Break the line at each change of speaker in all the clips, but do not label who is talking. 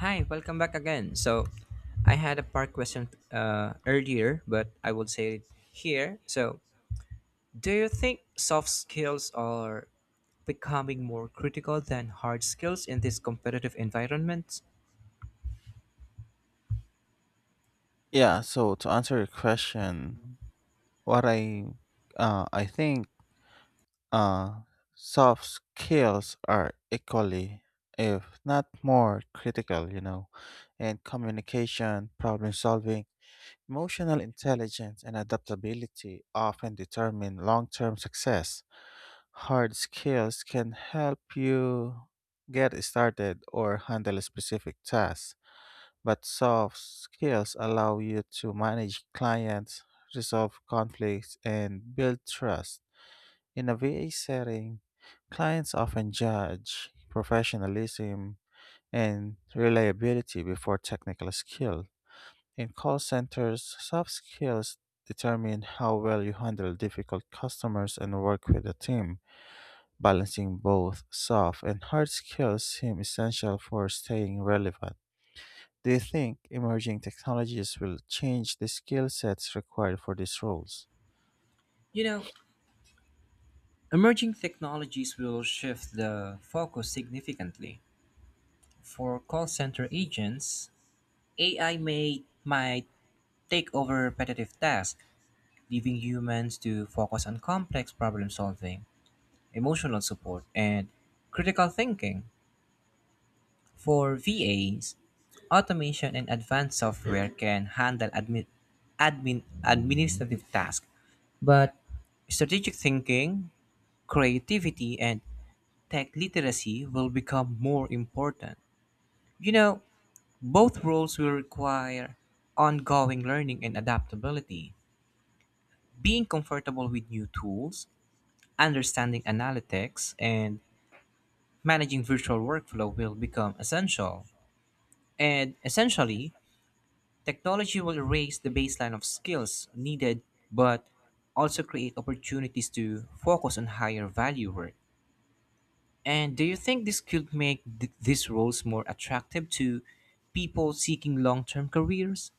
Hi, welcome back again. I had a part question earlier, but I will say it here. So, do you think soft skills are becoming more critical than hard skills in this competitive environment?
Yeah, so to answer your question, what I think uh, soft skills are equally, if not more, critical. You know, and communication, problem solving, emotional intelligence, and adaptability often determine long-term success. Hard skills can help you get started or handle a specific tasks but soft skills allow you to manage clients, resolve conflicts, and build trust. In a VA setting, clients often judge professionalism and reliability before technical skill. In call centers, soft skills determine how well you handle difficult customers and work with a team. Balancing both soft and hard skills seem essential for staying relevant. Do you think emerging technologies will change the skill sets required for these roles?
You know, emerging technologies will shift the focus significantly. For call center agents, AI may might take over repetitive tasks, leaving humans to focus on complex problem solving, emotional support, and critical thinking. For VAs, automation and advanced software can handle administrative tasks, but strategic thinking, creativity, and tech literacy will become more important. You know, both roles will require ongoing learning and adaptability. Being comfortable with new tools, understanding analytics, and managing virtual workflow will become essential, and essentially, technology will erase the baseline of skills needed but also create opportunities to focus on higher value work. And do you think this could make these roles more attractive to people seeking long term careers?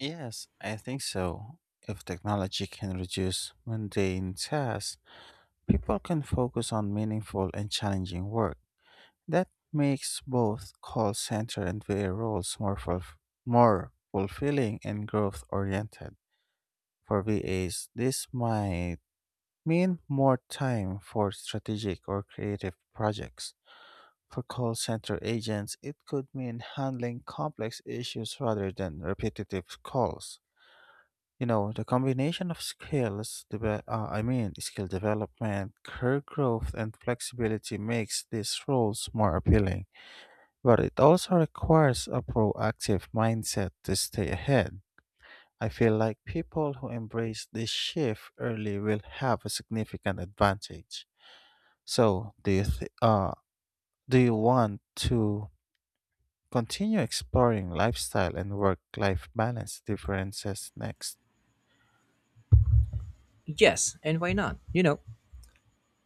Yes, I think so. If technology can reduce mundane tasks, people can focus on meaningful and challenging work. That makes both call center and VA roles more fulfilling and growth oriented. For VAs, this might mean more time for strategic or creative projects. For call center agents, it could mean handling complex issues rather than repetitive calls. You know, the combination of I mean, skill development, career growth, and flexibility makes these roles more appealing. But it also requires a proactive mindset to stay ahead. I feel like people who embrace this shift early will have a significant advantage. So, do you want to continue exploring lifestyle and work life balance differences next?
Yes, and why not? You know,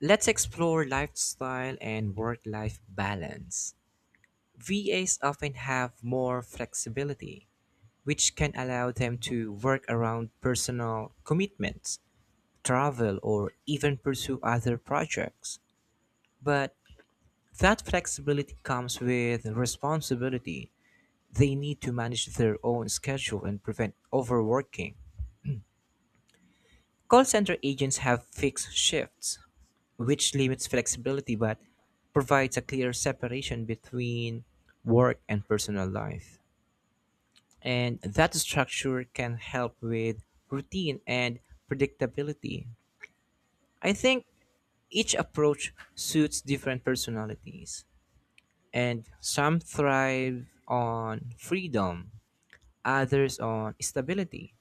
let's explore lifestyle and work life balance. VAs often have more flexibility which can allow them to work around personal commitments, travel, or even pursue other projects. But that flexibility comes with responsibility. They need to manage their own schedule and prevent overworking. Call center agents have fixed shifts, which limits flexibility but provides a clear separation between work and personal life, and that structure can help with routine and predictability. I think each approach suits different personalities, and some thrive on freedom, others on stability.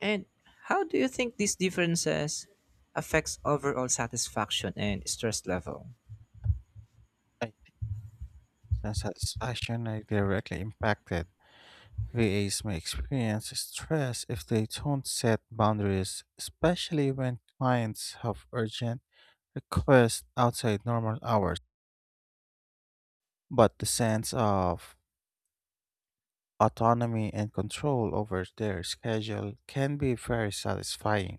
And how do you think these differences affects overall satisfaction and stress level?
I satisfaction are directly impacted. VAs may experience stress if they don't set boundaries, especially when clients have urgent requests outside normal hours. But the sense of autonomy and control over their schedule can be very satisfying.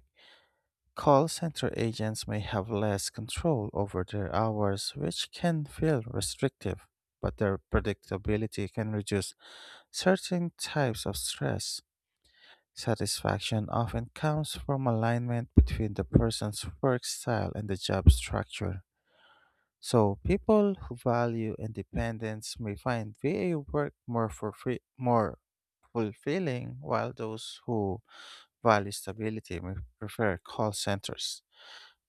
Call center agents may have less control over their hours, which can feel restrictive, but their predictability can reduce certain types of stress. Satisfaction often comes from alignment between the person's work style and the job structure. So, people who value independence may find VA work more fulfilling, while those who value stability may prefer call centers.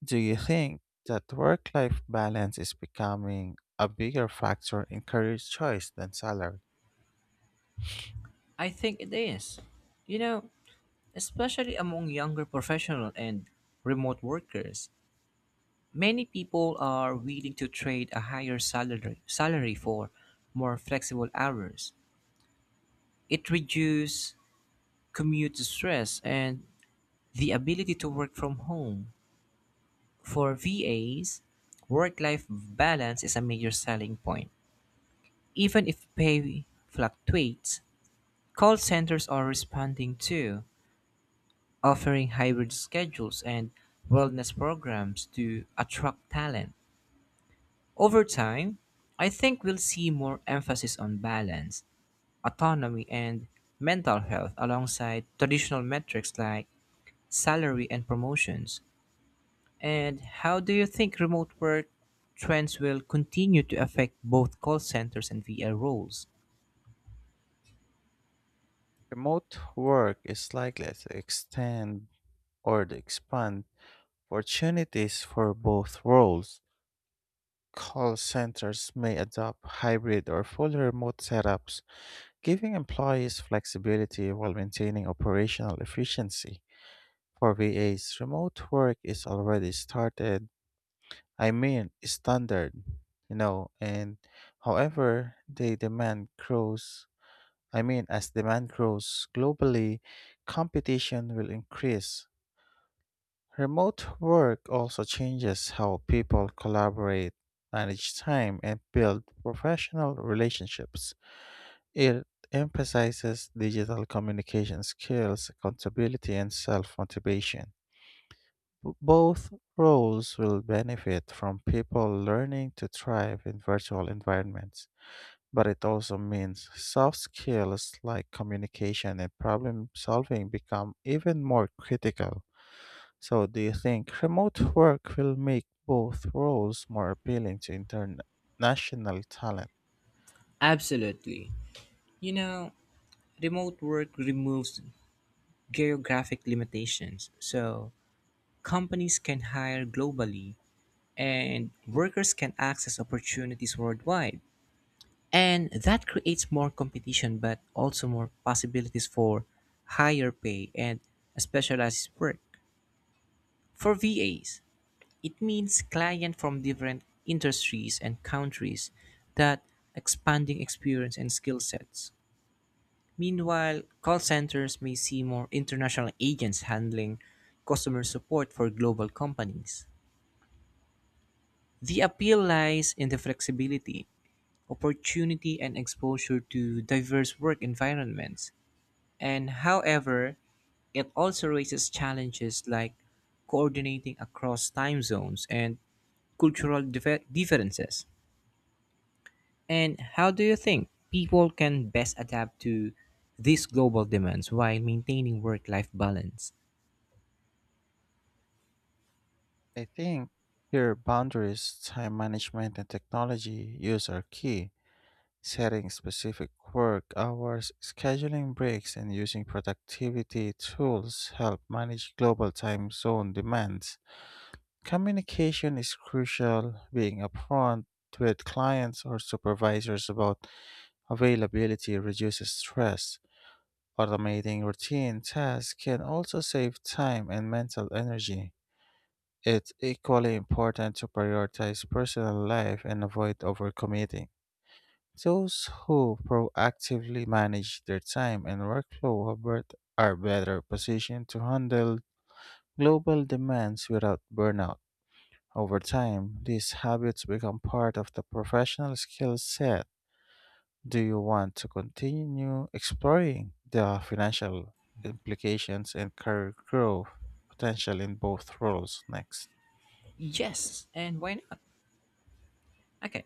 Do you think that work life balance is becoming a bigger factor in career choice than salary?
I think it is. You know, especially among younger professional and remote workers, many people are willing to trade a higher salary for more flexible hours. It reduces commute stress and the ability to work from home. For VAs, work-life balance is a major selling point. Even if pay fluctuates, call centers are responding too, offering hybrid schedules and wellness programs to attract talent. Over time, I think we'll see more emphasis on balance, autonomy, and mental health alongside traditional metrics like salary and promotions. And how do you think remote work trends will continue to affect both call centers and VR roles?
Remote work is likely to extend or to expand opportunities for both roles. Call centers may adopt hybrid or fully remote setups, giving employees flexibility while maintaining operational efficiency. For VAs, remote work is already started I mean, standard, you know, and however the demand grows, I mean, as demand grows globally, competition will increase. Remote work also changes how people collaborate, manage time, and build professional relationships. It emphasizes digital communication skills, accountability, and self motivation. Both roles will benefit from people learning to thrive in virtual environments, but it also means soft skills like communication and problem solving become even more critical. So, do you think remote work will make both roles more appealing to international talent?
Absolutely. You know, remote work removes geographic limitations, so companies can hire globally and workers can access opportunities worldwide. And that creates more competition, but also more possibilities for higher pay and specialized work. For VAs, it means clients from different industries and countries that expanding experience and skill sets. Meanwhile, call centers may see more international agents handling customer support for global companies. The appeal lies in the flexibility, opportunity, and exposure to diverse work environments. And however, it also raises challenges like coordinating across time zones and cultural differences. And how do you think people can best adapt to these global demands while maintaining work life balance?
I think here boundaries, time management, and technology use are key. Setting specific work hours, scheduling breaks, and using productivity tools help manage global time zone demands. Communication is crucial, being upfront with clients or supervisors about availability reduces stress. Automating routine tasks can also save time and mental energy. It's equally important to prioritize personal life and avoid overcommitting. Those who proactively manage their time and workflow are better positioned to handle global demands without burnout. Over time, these habits become part of the professional skill set. Do you want to continue exploring the financial implications and career growth potential in both roles next?
Yes, and why not? Okay,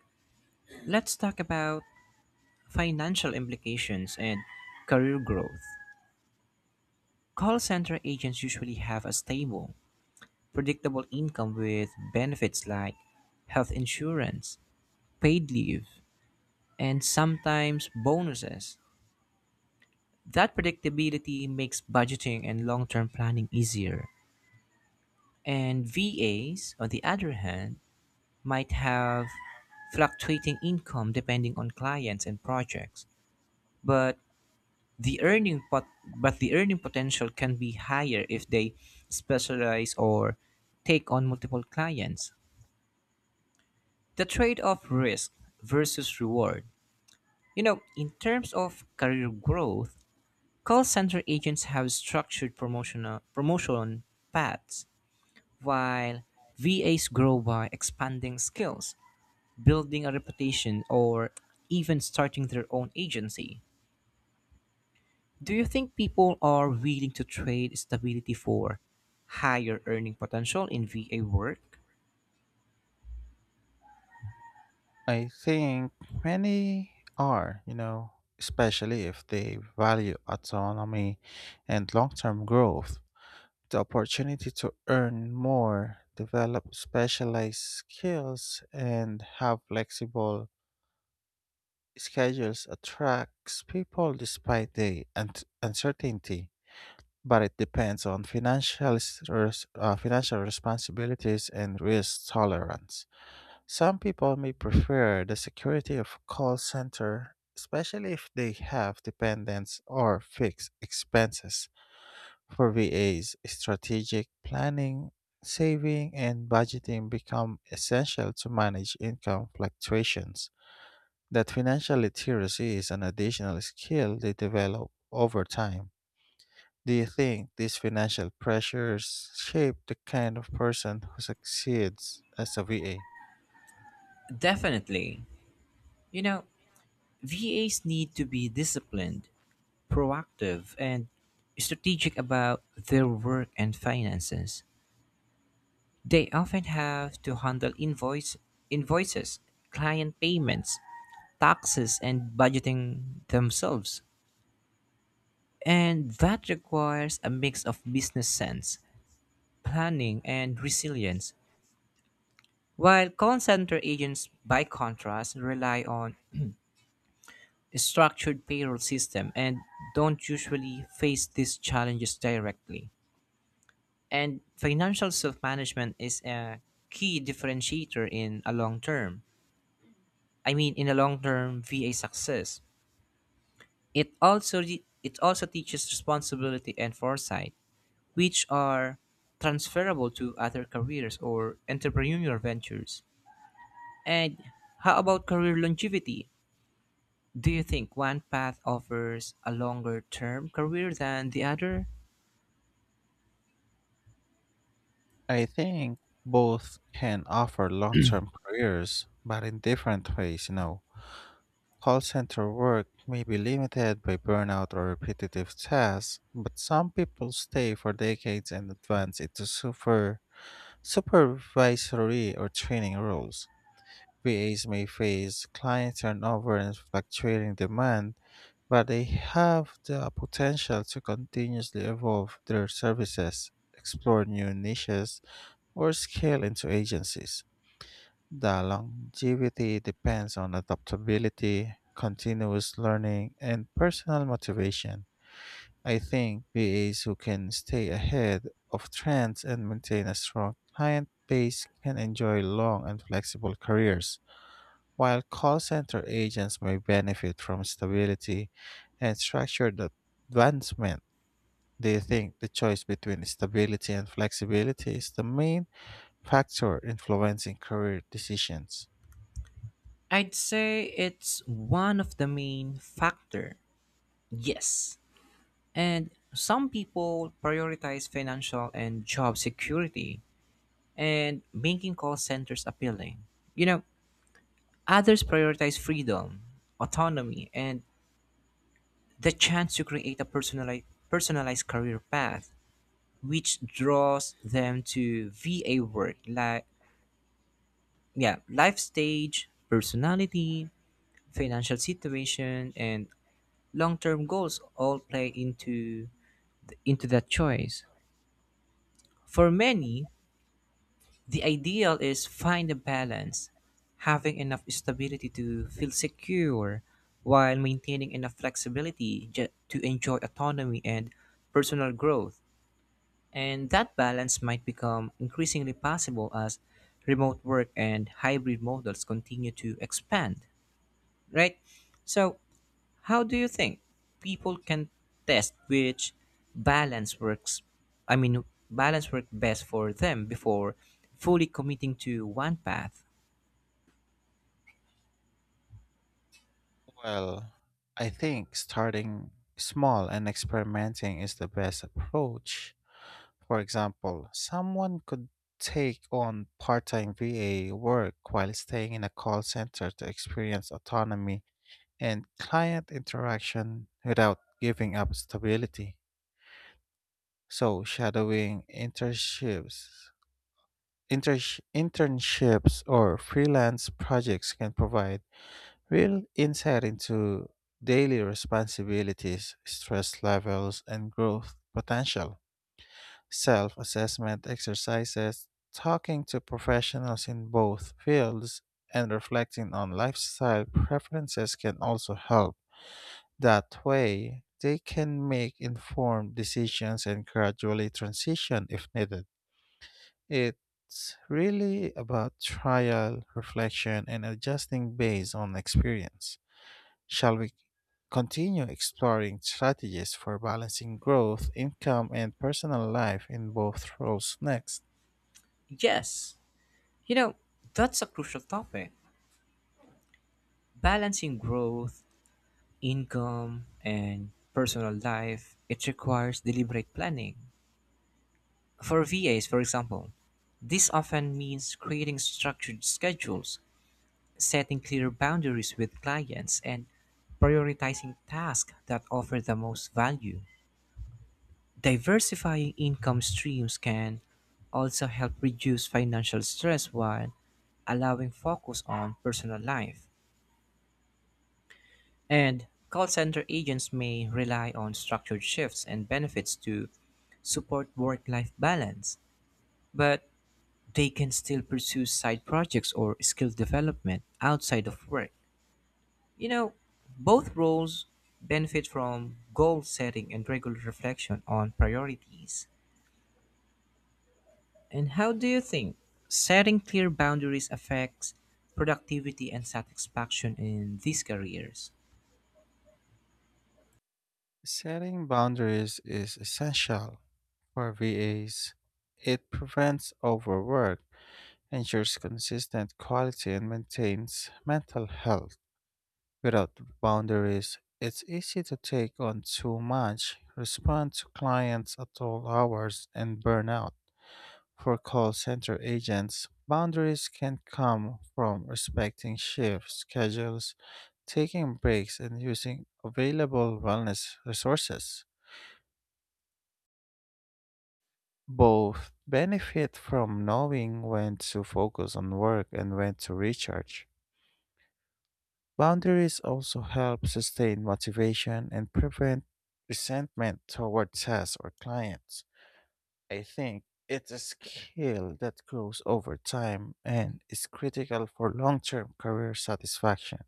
let's talk about financial implications and career growth. Call center agents usually have a stable, predictable income with benefits like health insurance, paid leave, and sometimes bonuses. That predictability makes budgeting and long term planning easier. And VAs, on the other hand, might have fluctuating income depending on clients and projects. But the earning pot- but the earning potential can be higher if they specialize or take on multiple clients. The trade-off risk versus reward. You know, in terms of career growth, call center agents have promotion paths, while VAs grow by expanding skills, building a reputation, or even starting their own agency. Do you think people are willing to trade stability for higher earning potential in VA work?
I think many are, you know, especially if they value autonomy and long term growth. The opportunity to earn more, develop specialized skills, and have flexible schedules attracts people despite the uncertainty. But it depends on financial responsibilities and risk tolerance. Some people may prefer the security of a call center, especially if they have dependents or fixed expenses. For VAs, strategic planning, saving, and budgeting become essential to manage income fluctuations. That financial literacy is an additional skill they develop over time. Do you think these financial pressures shape the kind of person who succeeds as a VA?
Definitely. You know, VAs need to be disciplined, proactive, and strategic about their work and finances. They often have to handle invoices, client payments, taxes, and budgeting themselves. And that requires a mix of business sense, planning, and resilience. While call center agents, by contrast, rely on a structured payroll system and don't usually face these challenges directly. And financial self management is a key differentiator in a long-term VA success. It it also teaches responsibility and foresight, which are transferable to other careers or entrepreneurial ventures. And how about career longevity? Do you think one path offers a longer-term career than the other?
I think both can offer long term careers, but in different ways, you know. Call center work may be limited by burnout or repetitive tasks, but some people stay for decades and advance into supervisory or training roles. VAs may face client turnover and fluctuating demand, but they have the potential to continuously evolve their services, explore new niches, or scale into agencies. The longevity depends on adaptability, continuous learning, and personal motivation. I think VAs who can stay ahead of trends and maintain a strong client base can enjoy long and flexible careers, while call center agents may benefit from stability and structured advancement. Do you think the choice between stability and flexibility is the main factor influencing career decisions?
I'd say it's one of the main factor. Yes. And some people prioritize financial and job security and making call centers appealing. You know, others prioritize freedom, autonomy, and the chance to create a personalized career path, which draws them to VA work like, yeah, life stage, personality, financial situation, and long term goals all play into that choice. For many, the ideal is find a balance, having enough stability to feel secure while maintaining enough flexibility to enjoy autonomy and personal growth. And that balance might become increasingly possible as remote work and hybrid models continue to expand, right? So, how do you think people can test which balance works? I mean, balance work best for them before fully committing to one path?
Well, I think starting small and experimenting is the best approach. For example, someone could take on part time VA work while staying in a call center to experience autonomy and client interaction without giving up stability. So, shadowing internships or freelance projects can provide real insight into daily responsibilities, stress levels, and growth potential. Self assessment exercises, talking to professionals in both fields, and reflecting on lifestyle preferences can also help. That way, they can make informed decisions and gradually transition if needed. It's really about trial, reflection, and adjusting based on experience. Shall we continue exploring strategies for balancing growth, income, and personal life in both roles next?
Yes, you know, that's a crucial topic. Balancing growth, income, and personal life, it requires deliberate planning. For VAs, for example, this often means creating structured schedules setting clear boundaries with clients, and prioritizing tasks that offer the most value. Diversifying income streams can also help reduce financial stress while allowing focus on personal life. And call center agents may rely on structured shifts and benefits to support work life balance, but they can still pursue side projects or skill development outside of work. You know, both roles benefit from goal setting and regular reflection on priorities. And how do you think setting clear boundaries affects productivity and satisfaction in these careers?
Setting boundaries is essential for VAs. It prevents overwork, ensures consistent quality, and maintains mental health. Without boundaries, it's easy to take on too much, respond to clients at all hours, and burn out. For call center agents, boundaries can come from respecting shift schedules, taking breaks, and using available wellness resources. Both benefit from knowing when to focus on work and when to recharge. Boundaries also help sustain motivation and prevent resentment toward tasks or clients. I think it's a skill that grows over time and is critical for long term career satisfaction.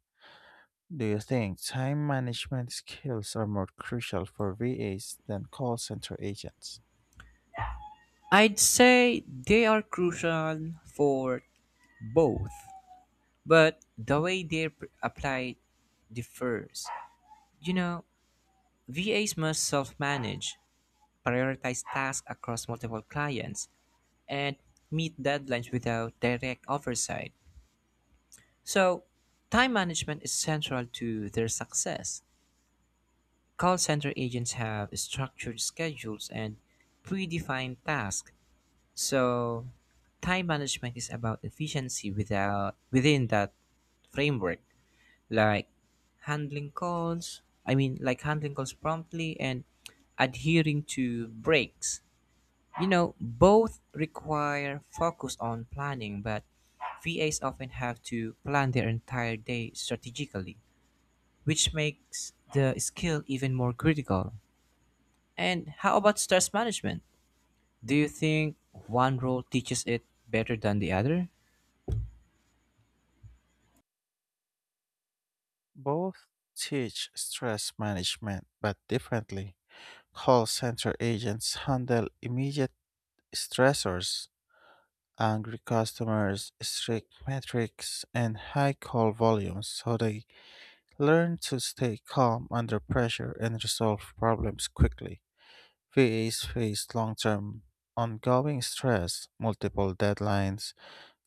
Do you think time management skills are more crucial for VAs than call center agents?
I'd say they are crucial for both, but the way they're applied differs. You know, VAs must self manage, prioritize tasks across multiple clients, and meet deadlines without direct oversight. So, time management is central to their success. Call center agents have structured schedules and predefined tasks. So, time management is about efficiency without within that framework, like handling calls, I mean like handling calls promptly and adhering to breaks. You know, both require focus on planning, but VAs often have to plan their entire day strategically, which makes the skill even more critical. And how about stress management? Do you think one role teaches it better than the other?
Both teach stress management, but differently. Call center agents handle immediate stressors, angry customers, strict metrics, and high call volumes, so they learn to stay calm under pressure and resolve problems quickly. VAs face long term ongoing stress, multiple deadlines,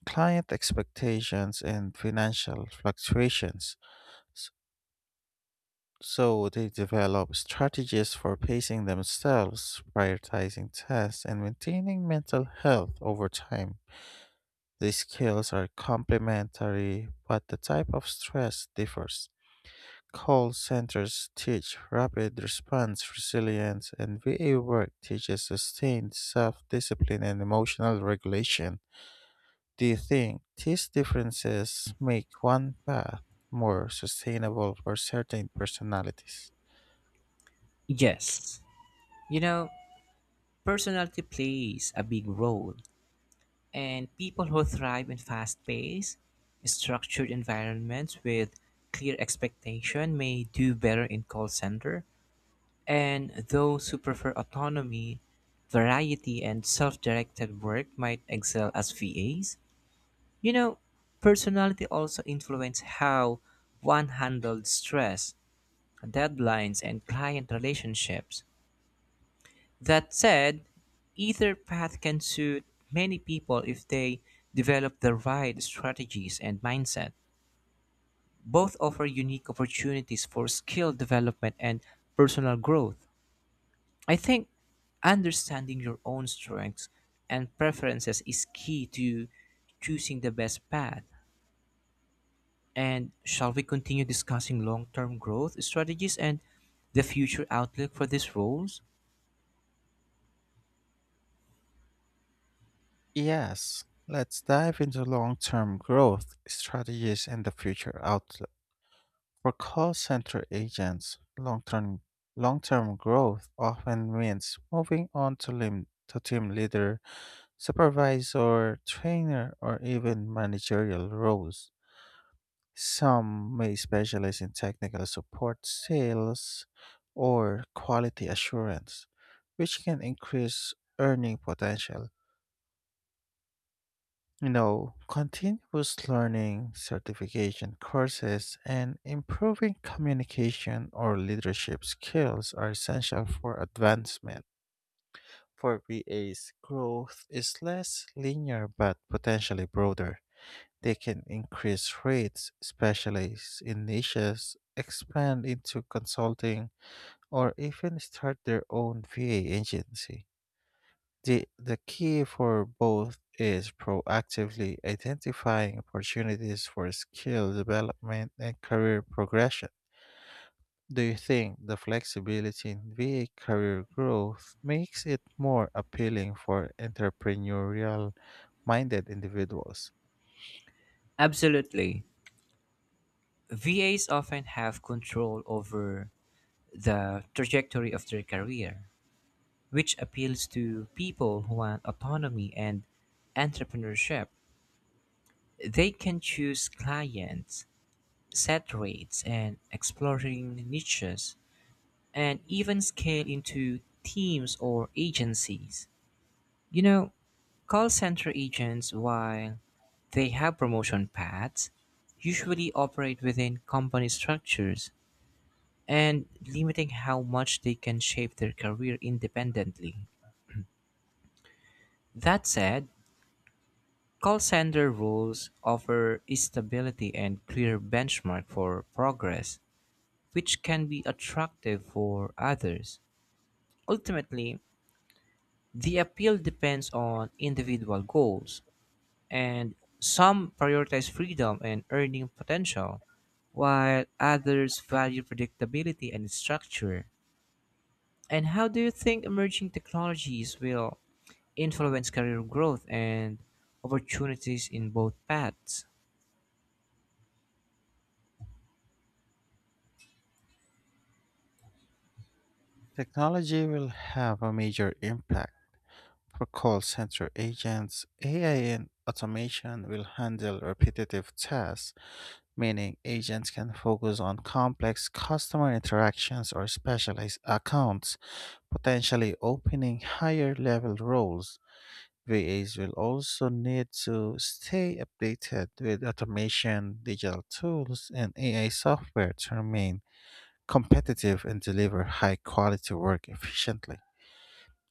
client expectations, and financial fluctuations. S- So they develop strategies for pacing themselves, prioritizing tasks, and maintaining mental health over time. These skills are complementary, but the type of stress differs. Call centers teach rapid response resilience, and VA work teaches sustained self discipline and emotional regulation. Do you think these differences make one path more sustainable for certain personalities?
Yes. You know, personality plays a big role, and people who thrive in fast paced, structured environments with clear expectation may do better in call center. And those who prefer autonomy, variety, and self directed work might excel as VAs. You know, personality also influences how one handled stress, deadlines, and client relationships. That said, either path can suit many people if they develop the right strategies and mindset. Both offer unique opportunities for skill development and personal growth. I think understanding your own strengths and preferences is key to choosing the best path. And shall we continue discussing long term growth strategies and the future outlook for these roles?
Yes, let's dive into long term growth strategies and the future outlook. For call center agents, long term growth often means moving on to, lim- to team leader supervisor, trainer, or even managerial roles. Some may specialize in technical support, sales, or quality assurance, which can increase earning potential. You know, continuous learning, certification courses, and improving communication or leadership skills are essential for advancement. For VAs, growth is less linear but potentially broader. They can increase rates, specialize in niches, expand into consulting, or even start their own VA agency. The key for both is proactively identifying opportunities for skill development and career progression. Do you think the flexibility in VA career growth makes it more appealing for entrepreneurial minded individuals?
Absolutely. VAs often have control over the trajectory of their career, which appeals to people who want autonomy and entrepreneurship. They can choose clients set rates and exploring niches, and even scale into teams or agencies. You know, call center agents, while they have promotion paths, usually operate within company structures and limiting how much they can shape their career independently. That said, call center roles offer stability and clear benchmark for progress, which can be attractive for others. Ultimately, the appeal depends on individual goals, and some prioritize freedom and earning potential, while others value predictability and structure. And how do you think emerging technologies will influence career growth and opportunities in both paths?
Technology will have a major impact for call center agents. AI and automation will handle repetitive tasks, meaning agents can focus on complex customer interactions or specialized accounts, potentially opening higher level roles. VAs will also need to stay updated with automation, digital tools, and AI software to remain competitive and deliver high quality work efficiently.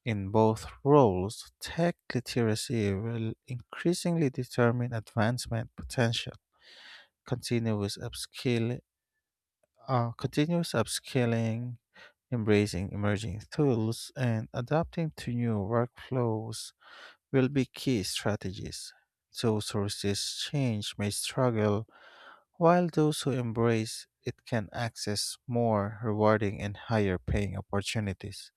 In both roles, tech literacy will increasingly determine advancement potential. Continuous upskill, Continuous upskilling, embracing emerging tools, and adapting to new workflows will be key strategies. Those who resist change may struggle, while those who embrace it can access more rewarding and higher paying opportunities.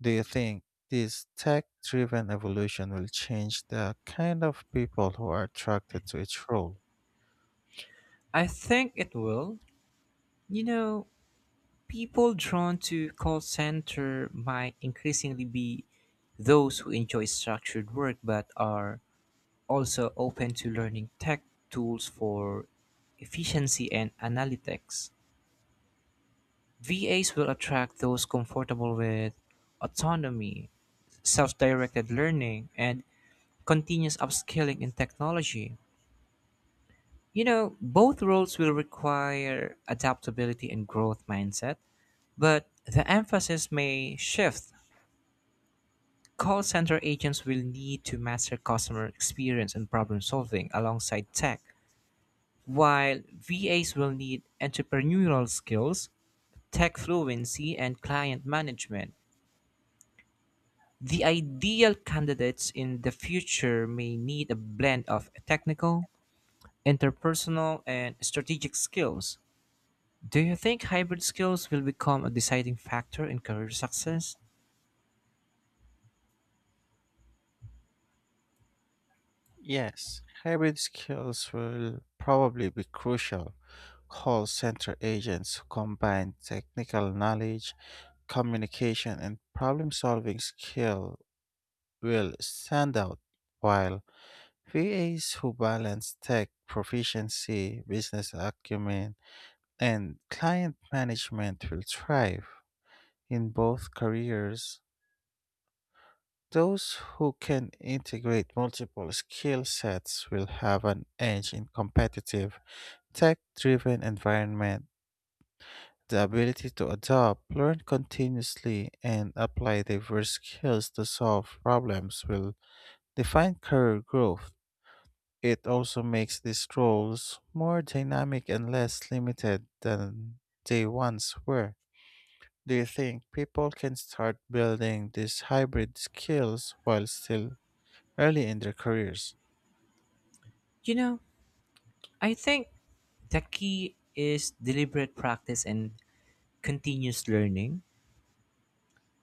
Do you think this tech driven evolution will change the kind of people who are attracted to each role?
I think it will. You know, people drawn to call center might increasingly be those who enjoy structured work but are also open to learning tech tools for efficiency and analytics. VAs will attract those comfortable with autonomy, self directed learning, and continuous upskilling in technology. You know, both roles will require adaptability and growth mindset, but the emphasis may shift. Call center agents will need to master customer experience and problem solving alongside tech. While VAs will need entrepreneurial skills, tech fluency, and client management, the ideal candidates in the future may need a blend of technical, interpersonal, and strategic skills. Do you think hybrid skills will become a deciding factor in career success?
Yes, hybrid skills will probably be crucial. Call center agents who combine technical knowledge, communication, and problem solving skill will stand out, while VAs who balance tech proficiency, business acumen, and client management will thrive. In both careers, those who can integrate multiple skill sets will have an edge in competitive, tech driven environment. The ability to adapt, learn continuously, and apply diverse skills to solve problems will define career growth. It also makes these roles more dynamic and less limited than they once were. Do you think people can start building these hybrid skills while still early in their careers?
You know, I think the key is deliberate practice and continuous learning,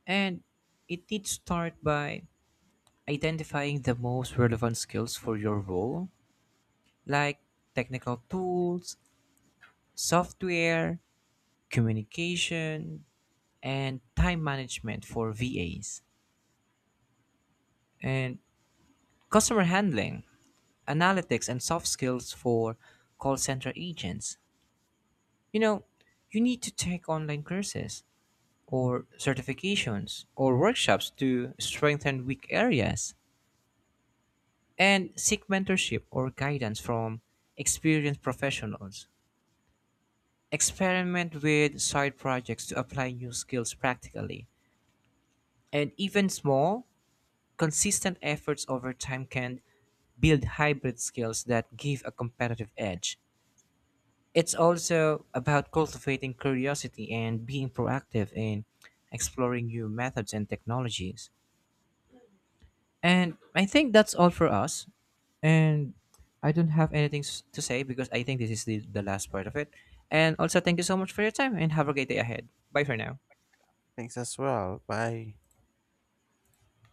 and it needs to start by identifying the most relevant skills for your role, like technical tools, software, communication, and time management for VAs, and customer handling, analytics, and soft skills for call center agents. You know, you need to take online courses or certifications or workshops to strengthen weak areas and seek mentorship or guidance from experienced professionals. Experiment with side projects to apply new skills practically. And even small, consistent efforts over time can build hybrid skills that give a competitive edge. It's also about cultivating curiosity and being proactive in exploring new methods and technologies. And I think that's all for us. And I don't have anything to say because I think this is the last part of it. And also, thank you so much for your time and have a great day ahead. Bye for now.
Thanks as well. Bye.